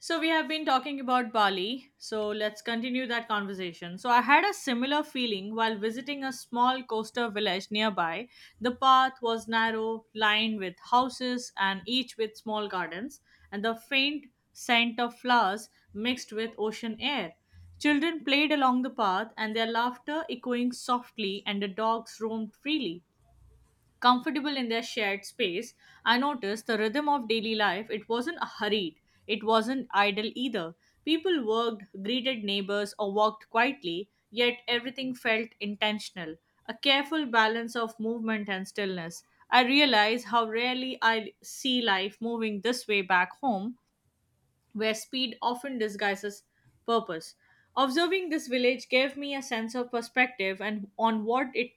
So we have been talking about Bali. So let's continue that conversation. So I had a similar feeling while visiting a small coastal village nearby. The path was narrow, lined with houses and each with small gardens, and the faint scent of flowers mixed with ocean air. Children played along the path and their laughter echoing softly and the dogs roamed freely comfortable in their shared space. I noticed the rhythm of daily life. It wasn't hurried, it wasn't idle either. People worked, greeted neighbors, or walked quietly, yet everything felt intentional, a careful balance of movement and stillness. I realize how rarely I see life moving this way back home, where speed often disguises purpose. Observing this village gave me a sense of perspective and on what it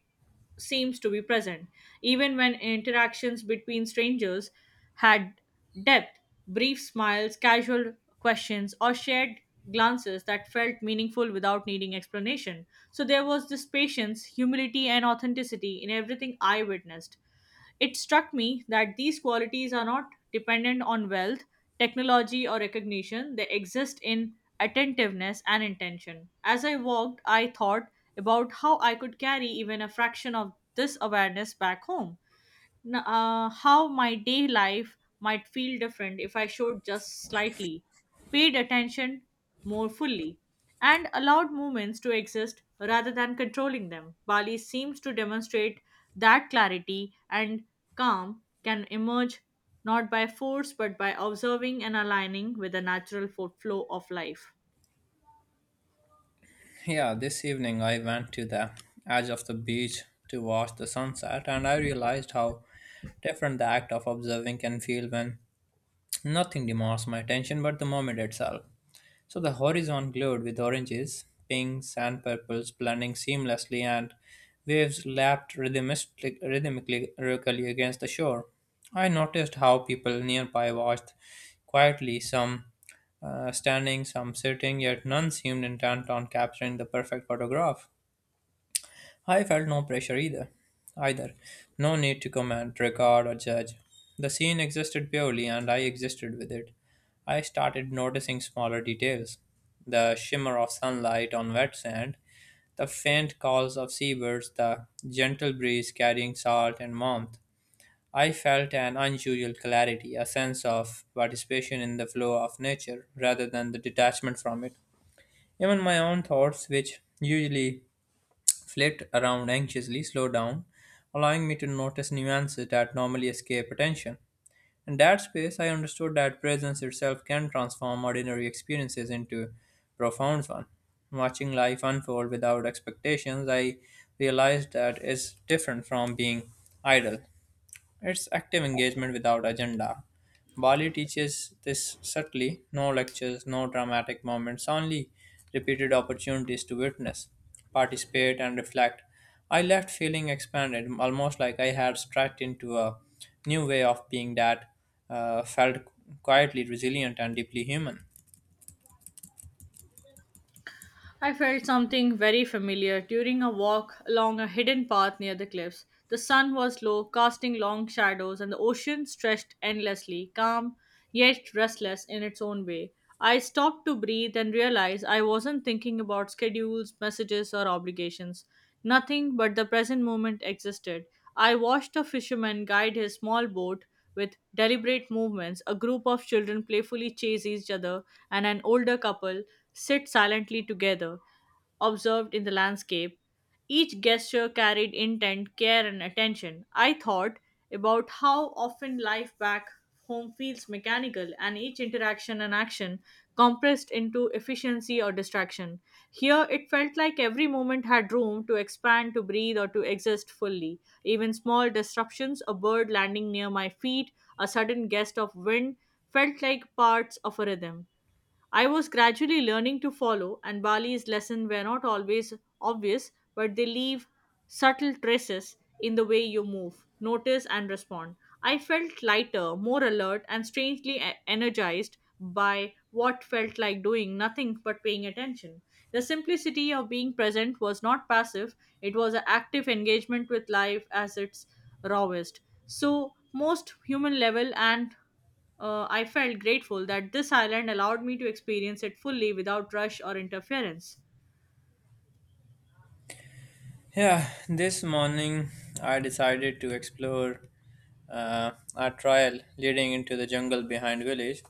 seems to be present, even when interactions between strangers had depth, brief smiles, casual questions, or shared glances that felt meaningful without needing explanation. So there was this patience, humility, and authenticity in everything I witnessed. It struck me that these qualities are not dependent on wealth, technology, or recognition. They exist in attentiveness and intention. As I walked, I thought about how I could carry even a fraction of this awareness back home, how my day life might feel different if I showed just slightly, paid attention more fully, and allowed moments to exist rather than controlling them. Bali seems to demonstrate that clarity and calm can emerge not by force but by observing and aligning with the natural flow of life. Yeah, this evening I went to the edge of the beach to watch the sunset, and I realized how different the act of observing can feel when nothing demands my attention but the moment itself. So the horizon glowed with oranges, pinks, and purples blending seamlessly, and waves lapped rhythmically against the shore. I noticed how people nearby watched quietly, some standing, some sitting, yet none seemed intent on capturing the perfect photograph. I felt no pressure either. Either. No need to comment, record, or judge. The scene existed purely, and I existed with it. I started noticing smaller details, the shimmer of sunlight on wet sand, the faint calls of seabirds, the gentle breeze carrying salt and warmth. I felt an unusual clarity, a sense of participation in the flow of nature rather than the detachment from it. Even my own thoughts, which usually flit around anxiously, slow down, allowing me to notice nuances that normally escape attention. In that space, I understood that presence itself can transform ordinary experiences into profound ones. Watching life unfold without expectations, I realized that is different from being idle. It's active engagement without agenda. Bali teaches this subtly, no lectures, no dramatic moments, only repeated opportunities to witness, participate, and reflect. I left feeling expanded, almost like I had stepped into a new way of being that felt quietly resilient and deeply human. I felt something very familiar during a walk along a hidden path near the cliffs. The sun was low, casting long shadows, and the ocean stretched endlessly, calm yet restless in its own way. I stopped to breathe and realized I wasn't thinking about schedules, messages, or obligations. Nothing but the present moment existed. I watched a fisherman guide his small boat with deliberate movements, a group of children playfully chase each other, and an older couple sit silently together, observed in the landscape. Each gesture carried intent, care, and attention. I thought about how often life back home feels mechanical and each interaction and action compressed into efficiency or distraction. Here, it felt like every moment had room to expand, to breathe, or to exist fully. Even small disruptions, a bird landing near my feet, a sudden gust of wind, felt like parts of a rhythm. I was gradually learning to follow, and Bali's lessons were not always obvious, but they leave subtle traces in the way you move, notice, and respond. I felt lighter, more alert, and strangely energized by what felt like doing nothing but paying attention. The simplicity of being present was not passive, it was an active engagement with life as its rawest. So, most human level and I felt grateful that this island allowed me to experience it fully without rush or interference. Yeah, this morning I decided to explore a trail leading into the jungle behind village.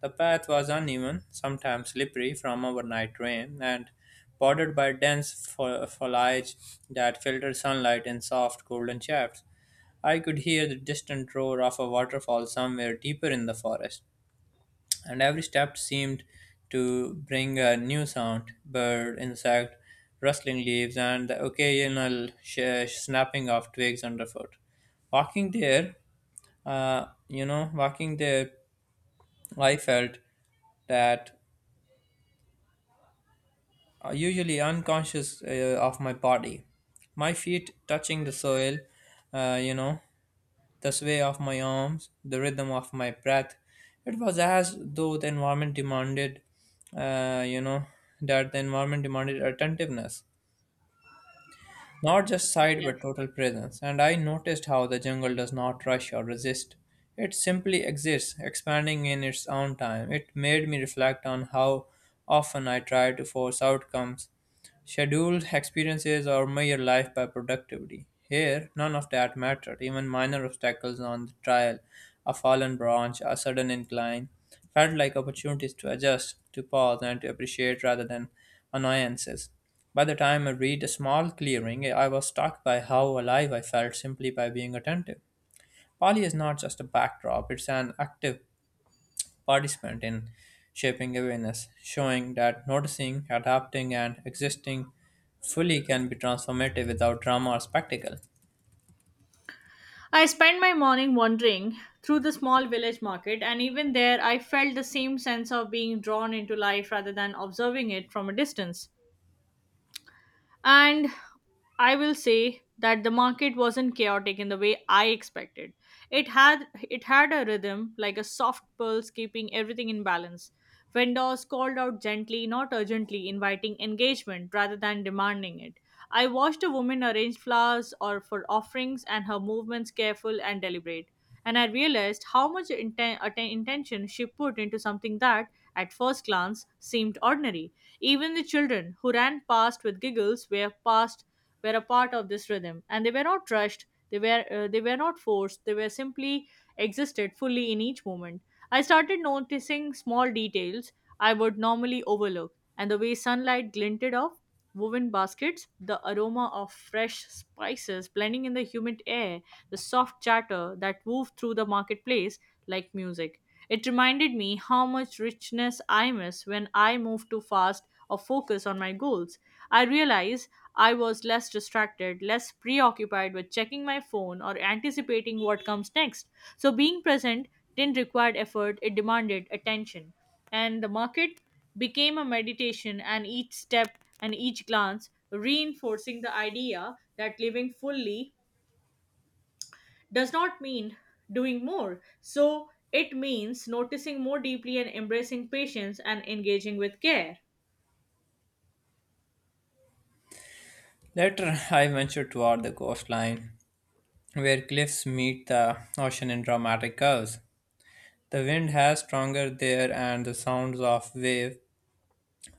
The path was uneven, sometimes slippery from overnight rain, and bordered by dense foliage that filtered sunlight in soft golden shafts. I could hear the distant roar of a waterfall somewhere deeper in the forest, and every step seemed to bring a new sound, bird, insect, rustling leaves, and the occasional snapping of twigs underfoot. Walking there, Walking there, I felt that are usually unconscious of my body. My feet touching the soil, uh, you know, the sway of my arms, the rhythm of my breath. It was as though the environment demanded, you know, that the environment demanded attentiveness, not just sight but Yes. total presence. And I noticed how the jungle does not rush or resist. It simply exists, expanding in its own time. It made me reflect on how often I try to force outcomes, scheduled experiences, or measure life by productivity. Here, none of that mattered. Even minor obstacles on the trail, a fallen branch, a sudden incline, felt like opportunities to adjust, to pause, and to appreciate rather than annoyances. By the time I reached a small clearing, I was struck by how alive I felt simply by being attentive. Polly is not just a backdrop, it's an active participant in shaping awareness, showing that noticing, adapting, and existing fully can be transformative without drama or spectacle. I spent my morning wandering through the small village market, and even there, I felt the same sense of being drawn into life rather than observing it from a distance. And I will say that the market wasn't chaotic in the way I expected. It had a rhythm like a soft pulse keeping everything in balance. Vendors called out gently, not urgently, inviting engagement rather than demanding it. I watched a woman arrange flowers or for offerings and her movements careful and deliberate. And I realized how much intention she put into something that, at first glance, seemed ordinary. Even the children who ran past with giggles were past were a part of this rhythm, and they were not rushed. They were not forced. They were simply existed fully in each moment. I started noticing small details I would normally overlook, and the way sunlight glinted off woven baskets, the aroma of fresh spices blending in the humid air, the soft chatter that wove through the marketplace like music. It reminded me how much richness I miss when I move too fast or focus on my goals. I realized I was less distracted, less preoccupied with checking my phone or anticipating what comes next. So being present didn't require effort, it demanded attention. And the market became a meditation, and each step and each glance reinforcing the idea that living fully does not mean doing more. So it means noticing more deeply and embracing patience and engaging with care. Later, I ventured toward the coastline, where cliffs meet the ocean in dramatic curves. The wind has stronger there, and the sounds of wave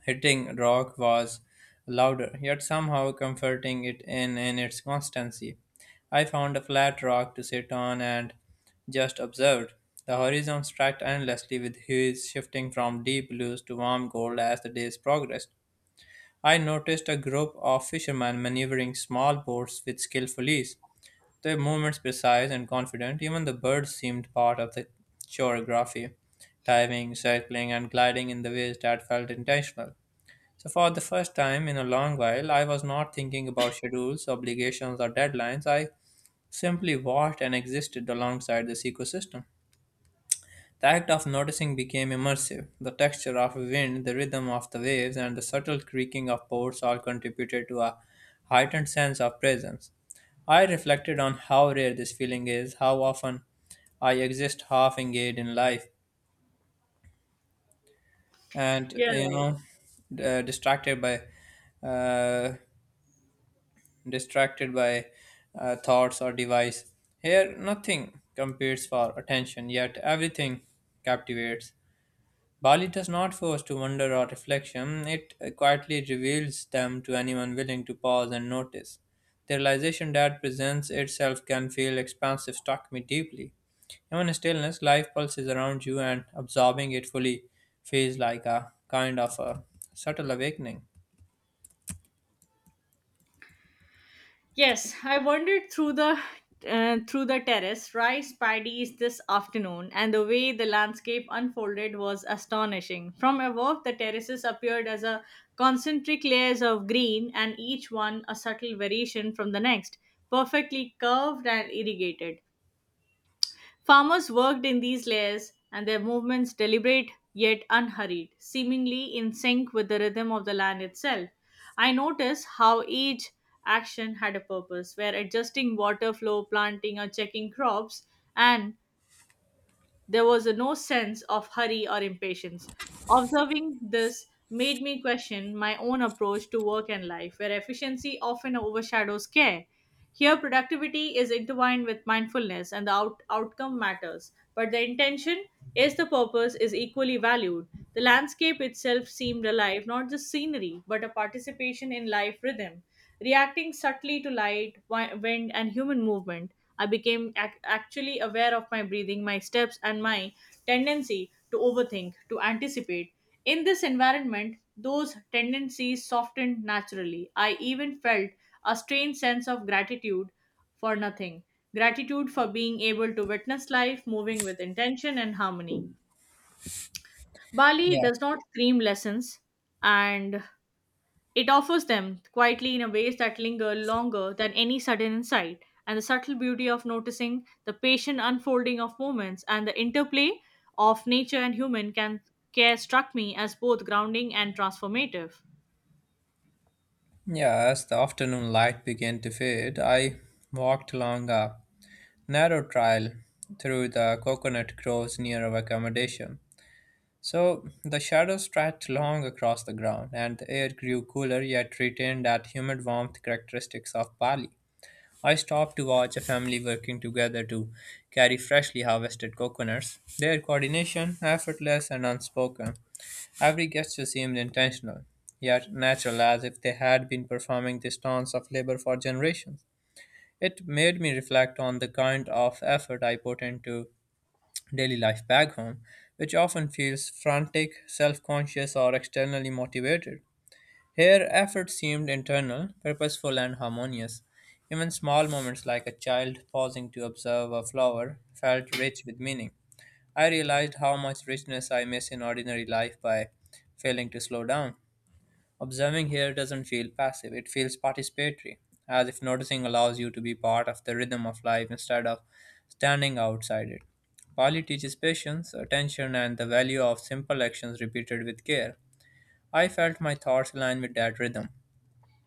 hitting rock was louder, yet somehow comforting in its constancy. I found a flat rock to sit on and just observed. The horizon stretched endlessly with hues shifting from deep blues to warm gold as the days progressed. I noticed a group of fishermen maneuvering small boats with skillful ease. Their movements precise and confident, even the birds seemed part of the choreography, diving, circling, and gliding in the ways that felt intentional. So, for the first time in a long while, I was not thinking about schedules, obligations, or deadlines. I simply watched and existed alongside this ecosystem. The act of noticing became immersive. The texture of wind, the rhythm of the waves, and the subtle creaking of boards all contributed to a heightened sense of presence. I reflected on how rare this feeling is, how often I exist half engaged in life, and Yeah, you right. know, d- uh, distracted by uh, distracted by thoughts or device. Here, nothing competes for attention, yet everything captivates. Bali does not force to wonder or reflection, it quietly reveals them to anyone willing to pause and notice. The realization that presents itself can feel expansive, struck me deeply. Even in stillness, life pulses around you, and absorbing it fully feels like a kind of a subtle awakening. Yes, I wandered through the terrace, rice paddies this afternoon, and the way the landscape unfolded was astonishing. From above, the terraces appeared as a concentric layers of green, and each one a subtle variation from the next, perfectly curved and irrigated. Farmers worked in these layers, and their movements deliberate yet unhurried, seemingly in sync with the rhythm of the land itself. I noticed how each action had a purpose, where adjusting water flow, planting, or checking crops, and there was a no sense of hurry or impatience. Observing this made me question my own approach to work and life, where efficiency often overshadows care. Here, productivity is intertwined with mindfulness and the outcome matters, but the intention is the purpose is equally valued. The landscape itself seemed alive, not just scenery, but a participation in life rhythm. Reacting subtly to light, wind, and human movement, I became actually aware of my breathing, my steps, and my tendency to overthink, to anticipate. In this environment, those tendencies softened naturally. I even felt a strange sense of gratitude for nothing. Gratitude for being able to witness life moving with intention and harmony. Bali Yeah. does not scream lessons, and it offers them quietly in a ways that linger longer than any sudden insight, and the subtle beauty of noticing the patient unfolding of moments and the interplay of nature and human can care struck me as both grounding and transformative. Yeah, as the afternoon light began to fade, I walked along a narrow trail through the coconut groves near our accommodation. So the shadows stretched long across the ground, and the air grew cooler yet retained that humid warmth characteristics of Bali. I stopped to watch a family working together to carry freshly harvested coconuts, their coordination effortless and unspoken. Every gesture seemed intentional, yet natural, as if they had been performing this dance of labor for generations. It made me reflect on the kind of effort I put into daily life back home, which often feels frantic, self conscious, or externally motivated. Here, effort seemed internal, purposeful, and harmonious. Even small moments like a child pausing to observe a flower felt rich with meaning. I realized how much richness I miss in ordinary life by failing to slow down. Observing here doesn't feel passive, it feels participatory, as if noticing allows you to be part of the rhythm of life instead of standing outside it. Pali teaches patience, attention, and the value of simple actions repeated with care. I felt my thoughts align with that rhythm.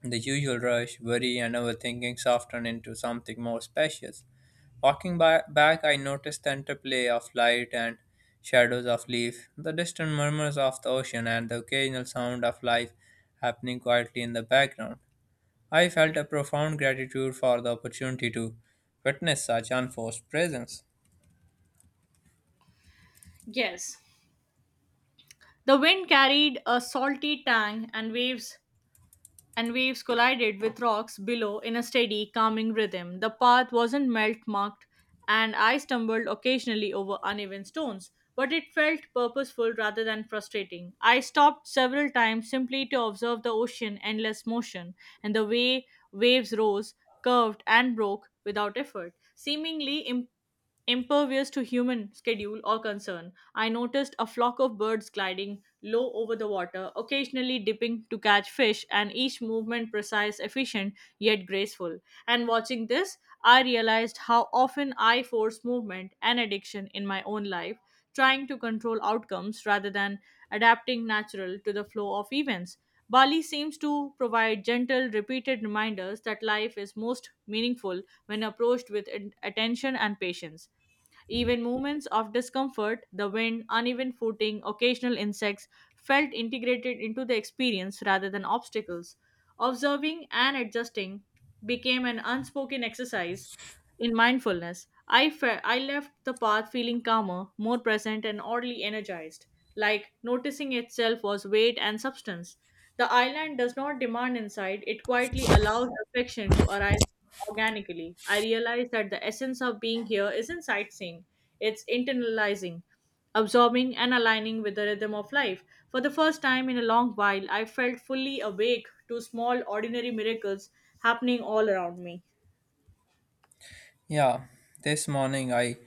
The usual rush, worry, and overthinking soften into something more spacious. Walking by, back, I noticed the interplay of light and shadows of leaf, the distant murmurs of the ocean, and the occasional sound of life happening quietly in the background. I felt a profound gratitude for the opportunity to witness such unforced presence. Yes. The wind carried a salty tang and waves collided with rocks below in a steady, calming rhythm. The path wasn't melt marked, and I stumbled occasionally over uneven stones, but it felt purposeful rather than frustrating. I stopped several times simply to observe the ocean endless motion and the way waves rose, curved, and broke without effort, seemingly impervious to human schedule or concern. I noticed a flock of birds gliding low over the water, occasionally dipping to catch fish, and each movement precise, efficient, yet graceful. And watching this, I realized how often I force movement and addiction in my own life, trying to control outcomes rather than adapting natural to the flow of events. Bali seems to provide gentle, repeated reminders that life is most meaningful when approached with attention and patience. Even moments of discomfort, the wind, uneven footing, occasional insects, felt integrated into the experience rather than obstacles. Observing and adjusting became an unspoken exercise in mindfulness. I left the path feeling calmer, more present, and oddly energized, like noticing itself was weight and substance. The island does not demand insight, it quietly allows reflection to arise organically. I realized that the essence of being here isn't sightseeing, it's internalizing, absorbing, and aligning with the rhythm of life. For the first time in a long while, I felt fully awake to small, ordinary miracles happening all around me. Yeah, this morning I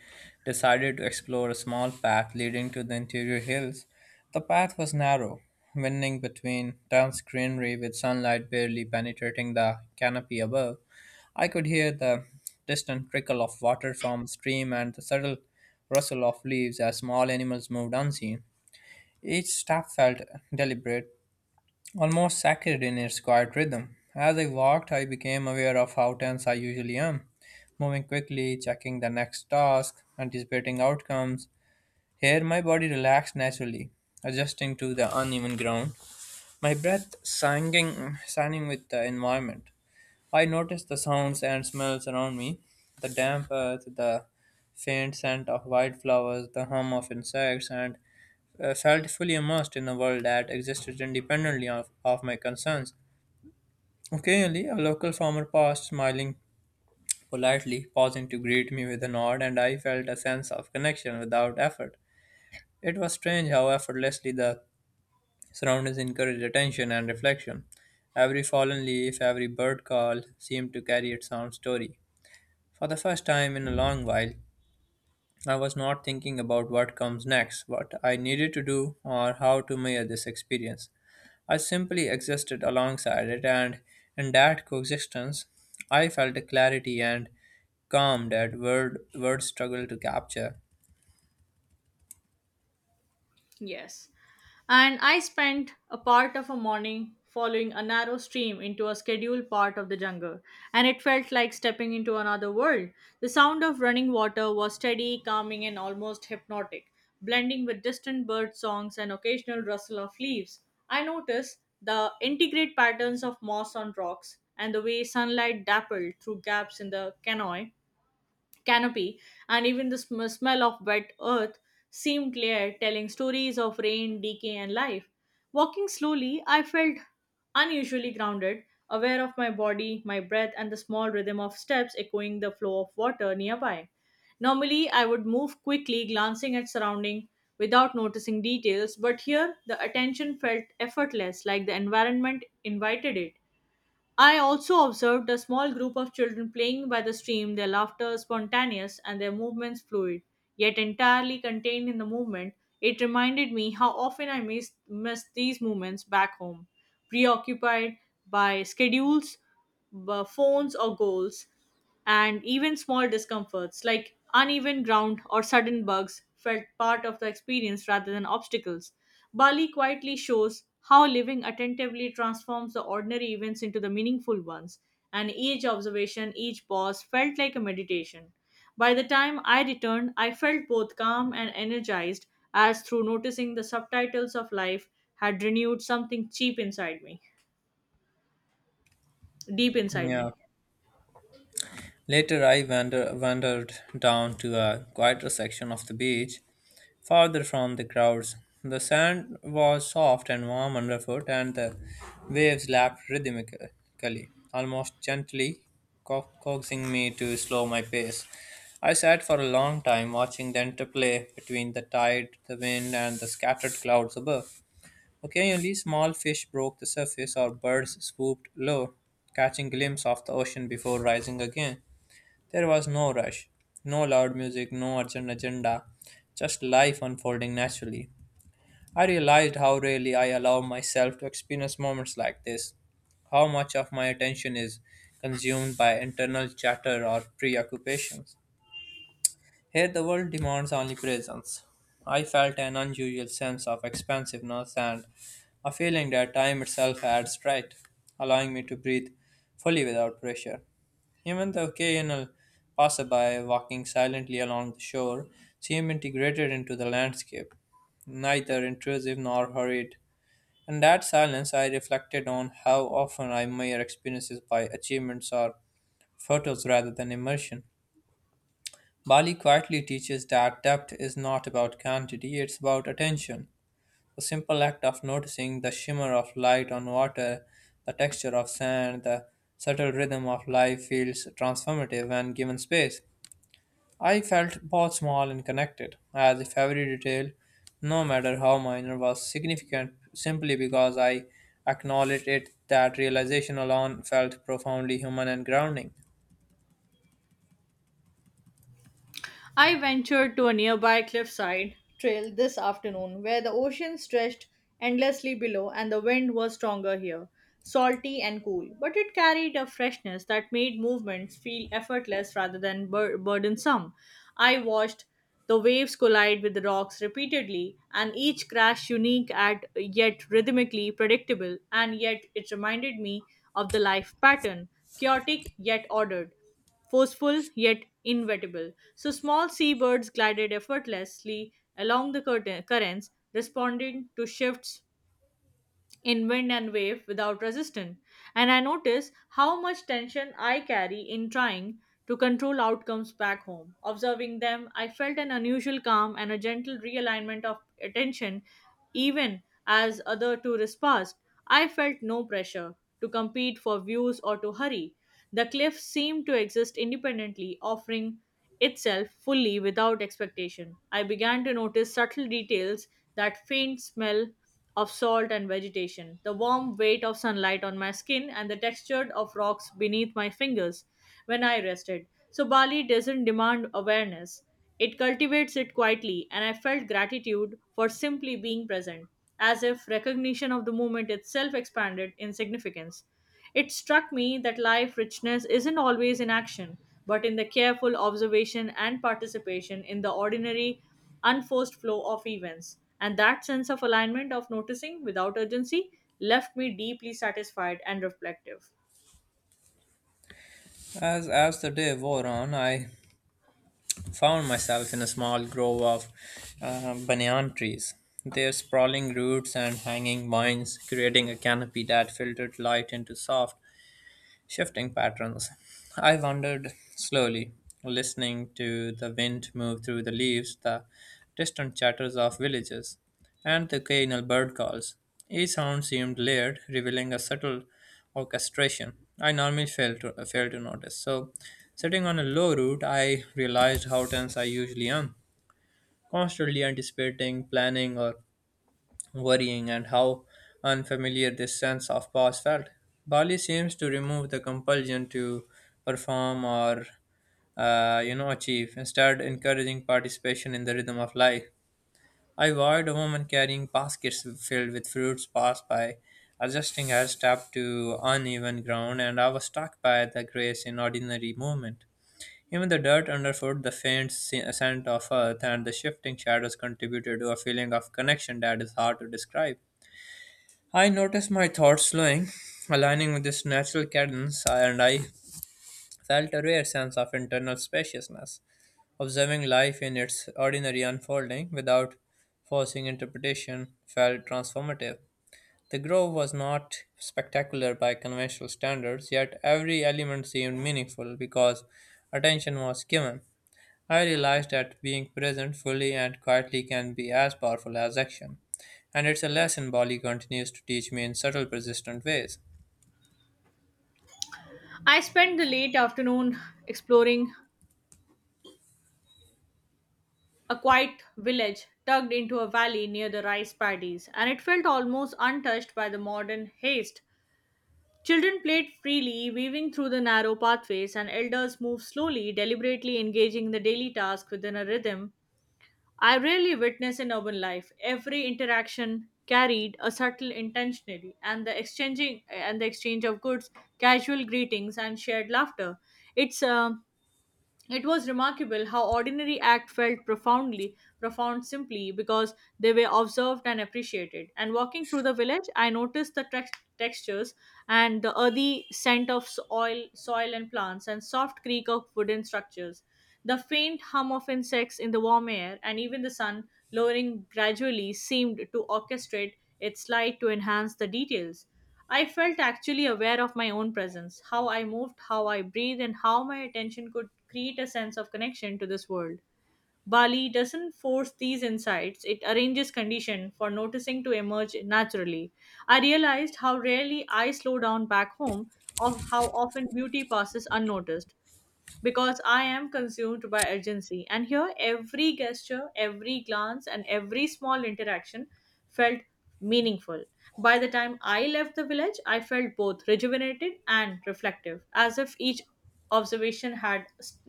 decided to explore a small path leading to the interior hills. The path was narrow, winding between dense greenery with sunlight barely penetrating the canopy above. I could hear the distant trickle of water from a stream and the subtle rustle of leaves as small animals moved unseen. Each step felt deliberate, almost sacred in its quiet rhythm. As I walked, I became aware of how tense I usually am, moving quickly, checking the next task, anticipating outcomes. Here, my body relaxed naturally, adjusting to the uneven ground, my breath singing, signing with the environment. I noticed the sounds and smells around me, the damp earth, the faint scent of wildflowers, the hum of insects, and felt fully immersed in a world that existed independently of my concerns. Occasionally, a local farmer passed, smiling politely, pausing to greet me with a nod, and I felt a sense of connection without effort. It was strange how effortlessly the surroundings encouraged attention and reflection. Every fallen leaf, every bird call seemed to carry its own story. For the first time in a long while, I was not thinking about what comes next, what I needed to do, or how to measure this experience. I simply existed alongside it, and in that coexistence, I felt a clarity and calm that word words struggle to capture. Yes. And I spent a part of a morning following a narrow stream into a scheduled part of the jungle, and it felt like stepping into another world. The sound of running water was steady, calming, and almost hypnotic, blending with distant bird songs and occasional rustle of leaves. I noticed the intricate patterns of moss on rocks and the way sunlight dappled through gaps in the canoe canopy, and even the smell of wet earth seemed clear, telling stories of rain, decay, and life. Walking slowly, I felt unusually grounded, aware of my body, my breath, and the small rhythm of steps echoing the flow of water nearby. Normally, I would move quickly, glancing at surrounding without noticing details, but here the attention felt effortless, like the environment invited it. I also observed a small group of children playing by the stream, their laughter spontaneous and their movements fluid, yet entirely contained in the movement. It reminded me how often miss these moments back home, preoccupied by schedules, phones, or goals and even small discomforts like uneven ground or sudden bugs felt part of the experience rather than obstacles. Bali quietly shows how living attentively transforms the ordinary events into the meaningful ones, and each observation, each pause felt like a meditation. By the time I returned, I felt both calm and energized, as through noticing the subtitles of life had renewed something cheap inside me, deep inside Yeah. me. Later, wandered down to a quieter section of the beach, farther from the crowds. The sand was soft and warm underfoot, and the waves lapped rhythmically, almost gently coaxing me to slow my pace. I sat for a long time watching the interplay between the tide, the wind, and the scattered clouds above. Occasionally, small fish broke the surface or birds swooped low, catching glimpse of the ocean before rising again. There was no rush, no loud music, no urgent agenda, just life unfolding naturally. I realized how rarely I allow myself to experience moments like this, how much of my attention is consumed by internal chatter or preoccupations. Here, the world demands only presence. I felt an unusual sense of expansiveness and a feeling that time itself had right, allowing me to breathe fully without pressure. Even the occasional passerby walking silently along the shore seemed integrated into the landscape, neither intrusive nor hurried. In that silence, I reflected on how often I measure experiences by achievements or photos rather than immersion. Bali quietly teaches that depth is not about quantity, it's about attention. The simple act of noticing the shimmer of light on water, the texture of sand, the subtle rhythm of life feels transformative when given space. I felt both small and connected, as if every detail, no matter how minor, was significant simply because I acknowledged it. That realization alone felt profoundly human and grounding. I ventured to a nearby cliffside trail this afternoon where the ocean stretched endlessly below and the wind was stronger here, salty and cool, but it carried a freshness that made movements feel effortless rather than burdensome. I watched the waves collide with the rocks repeatedly and each crash unique at yet rhythmically predictable, and yet it reminded me of the life pattern, chaotic yet ordered, forceful yet inevitable. So small seabirds glided effortlessly along the currents, responding to shifts in wind and wave without resistance. And I notice how much tension I carry in trying to control outcomes back home. Observing them, I felt an unusual calm and a gentle realignment of attention, even as other tourists passed. I felt no pressure to compete for views or to hurry. The cliff seemed to exist independently, offering itself fully without expectation. I began to notice subtle details, that faint smell of salt and vegetation, the warm weight of sunlight on my skin, and the texture of rocks beneath my fingers when I rested. So, Bali doesn't demand awareness, it cultivates it quietly, and I felt gratitude for simply being present, as if recognition of the moment itself expanded in significance. It struck me that life richness isn't always in action, but in the careful observation and participation in the ordinary, unforced flow of events. And that sense of alignment of noticing without urgency left me deeply satisfied and reflective. As the day wore on, I found myself in a small grove of banyan trees. Their sprawling roots and hanging vines creating a canopy that filtered light into soft, shifting patterns. I wandered slowly, listening to the wind move through the leaves, the distant chatters of villages, and the occasional bird calls. Each sound seemed layered, revealing a subtle orchestration I normally fail to notice. So, sitting on a low root, I realized how tense I usually am, constantly anticipating, planning, or worrying, and how unfamiliar this sense of pause felt. Bali seems to remove the compulsion to perform or achieve, instead encouraging participation in the rhythm of life. I watched a woman carrying baskets filled with fruits pass by, adjusting her step to uneven ground, and I was struck by the grace in ordinary movement. Even the dirt underfoot, the faint scent of earth, and the shifting shadows contributed to a feeling of connection that is hard to describe. I noticed my thoughts slowing, aligning with this natural cadence, and I felt a rare sense of internal spaciousness, observing life in its ordinary unfolding without forcing interpretation felt transformative. The grove was not spectacular by conventional standards, yet every element seemed meaningful because attention was given. I realized that being present fully and quietly can be as powerful as action, and it's a lesson Bali continues to teach me in subtle, persistent ways. I spent the late afternoon exploring a quiet village tucked into a valley near the rice paddies, and it felt almost untouched by the modern haste. Children played freely, weaving through the narrow pathways, and elders moved slowly, deliberately engaging in the daily task within a rhythm I rarely witness in urban life. Every interaction carried a subtle intentionality, and the exchange of goods, casual greetings, and shared laughter. It's um it was remarkable how ordinary act felt profound simply because they were observed and appreciated. And walking through the village, I noticed the textures and the earthy scent of soil, and plants, and soft creak of wooden structures, the faint hum of insects in the warm air, and even the sun lowering gradually seemed to orchestrate its light to enhance the details. I felt actually aware of my own presence, how I moved, how I breathed, and how my attention could create a sense of connection to this world. Bali doesn't force these insights, it arranges condition for noticing to emerge naturally. I realized how rarely I slow down back home, of how often beauty passes unnoticed because I am consumed by urgency. And here, every gesture, every glance, and every small interaction felt meaningful. By the time I left the village, I felt both rejuvenated and reflective, as if each observation had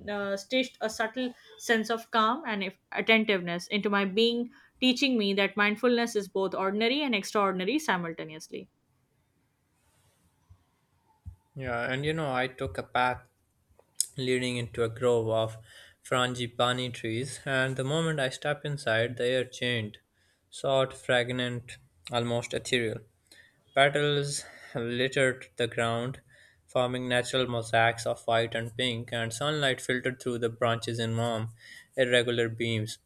stitched a subtle sense of calm and attentiveness into my being, teaching me that mindfulness is both ordinary and extraordinary simultaneously. Yeah, and you know, I took a path leading into a grove of frangipani trees, and the moment I stepped inside, the air changed, soft, fragrant, almost ethereal. Petals littered the ground, forming natural mosaics of white and pink, and sunlight filtered through the branches in warm, irregular beams.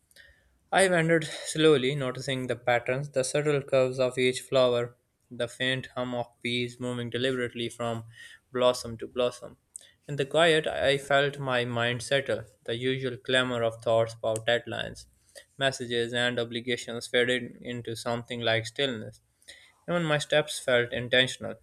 I wandered slowly, noticing the patterns, the subtle curves of each flower, the faint hum of bees moving deliberately from blossom to blossom. In the quiet, I felt my mind settle. The usual clamor of thoughts about deadlines, messages, and obligations faded into something like stillness. Even my steps felt intentional,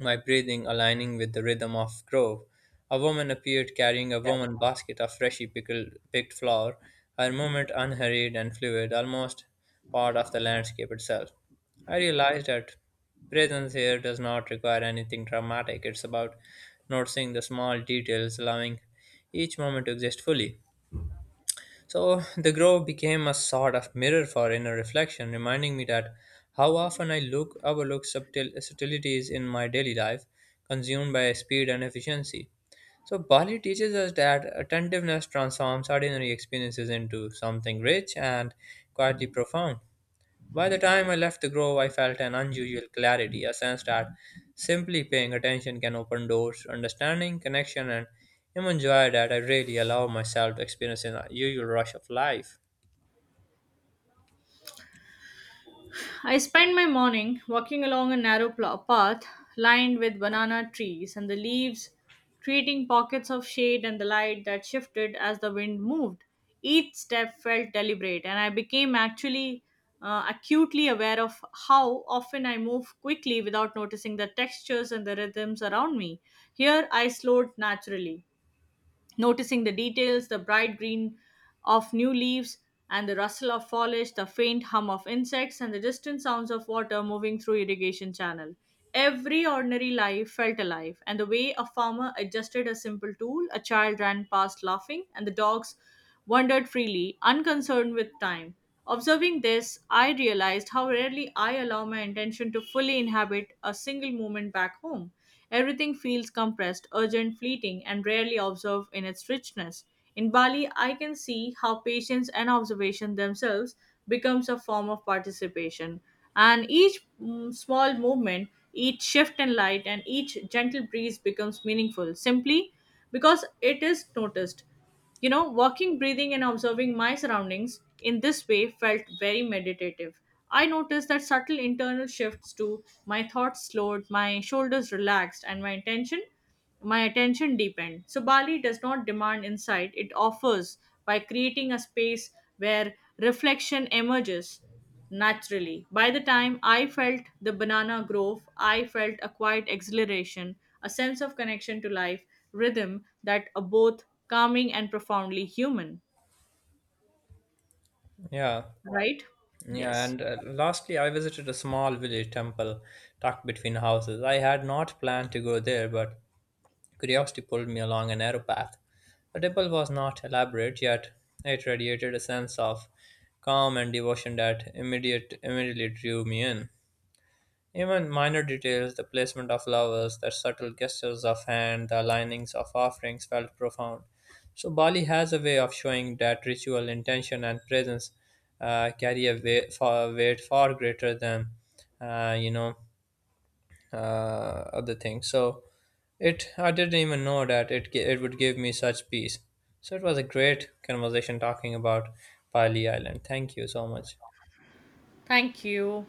my breathing aligning with the rhythm of grove. A woman appeared carrying a woman basket of freshly picked flower. Her movement unhurried and fluid, almost part of the landscape itself. I realized that presence here does not require anything dramatic. It's about noticing the small details, allowing each moment to exist fully. So the grove became a sort of mirror for inner reflection, reminding me that how often I look overlook subtil subtleties in my daily life, consumed by speed and efficiency. So Bali teaches us that attentiveness transforms ordinary experiences into something rich and quietly profound. By the time I left the grove, I felt an unusual clarity, a sense that simply paying attention can open doors to understanding, connection, and even joy that I really allow myself to experience in the usual rush of life. I spent my morning walking along a narrow path lined with banana trees and the leaves, creating pockets of shade and the light that shifted as the wind moved. Each step felt deliberate, and I became actually acutely aware of how often I move quickly without noticing the textures and the rhythms around me. Here, I slowed naturally, noticing the details, the bright green of new leaves and the rustle of foliage, the faint hum of insects, and the distant sounds of water moving through irrigation channel. Every ordinary life felt alive, and the way a farmer adjusted a simple tool, a child ran past laughing, and the dogs wandered freely, unconcerned with time. Observing this, I realized how rarely I allow my intention to fully inhabit a single moment back home. Everything feels compressed, urgent, fleeting, and rarely observed in its richness. In Bali, I can see how patience and observation themselves becomes a form of participation. And each small movement, each shift in light, and each gentle breeze becomes meaningful simply because it is noticed. You know, walking, breathing, and observing my surroundings in this way felt very meditative. I noticed that subtle internal shifts too. My thoughts slowed, my shoulders relaxed, and my attention deepened. So Bali does not demand insight; it offers by creating a space where reflection emerges. Naturally, by the time I felt the banana grove, I felt a quiet exhilaration, a sense of connection to life, rhythm that are both calming and profoundly human. Yeah, Right? yeah, Yes. and lastly, I visited a small village temple tucked between houses. I had not planned to go there, but curiosity pulled me along a narrow path. The temple was not elaborate, yet it radiated a sense of calm and devotion that immediately drew me in. Even minor details, the placement of flowers, the subtle gestures of hand, the alignings of offerings felt profound. So Bali has a way of showing that ritual intention and presence carry a weight far greater than uh, you know other things. So it I didn't even know that it would give me such peace. So it was a great conversation talking about Bali Island. Thank you so much. Thank you.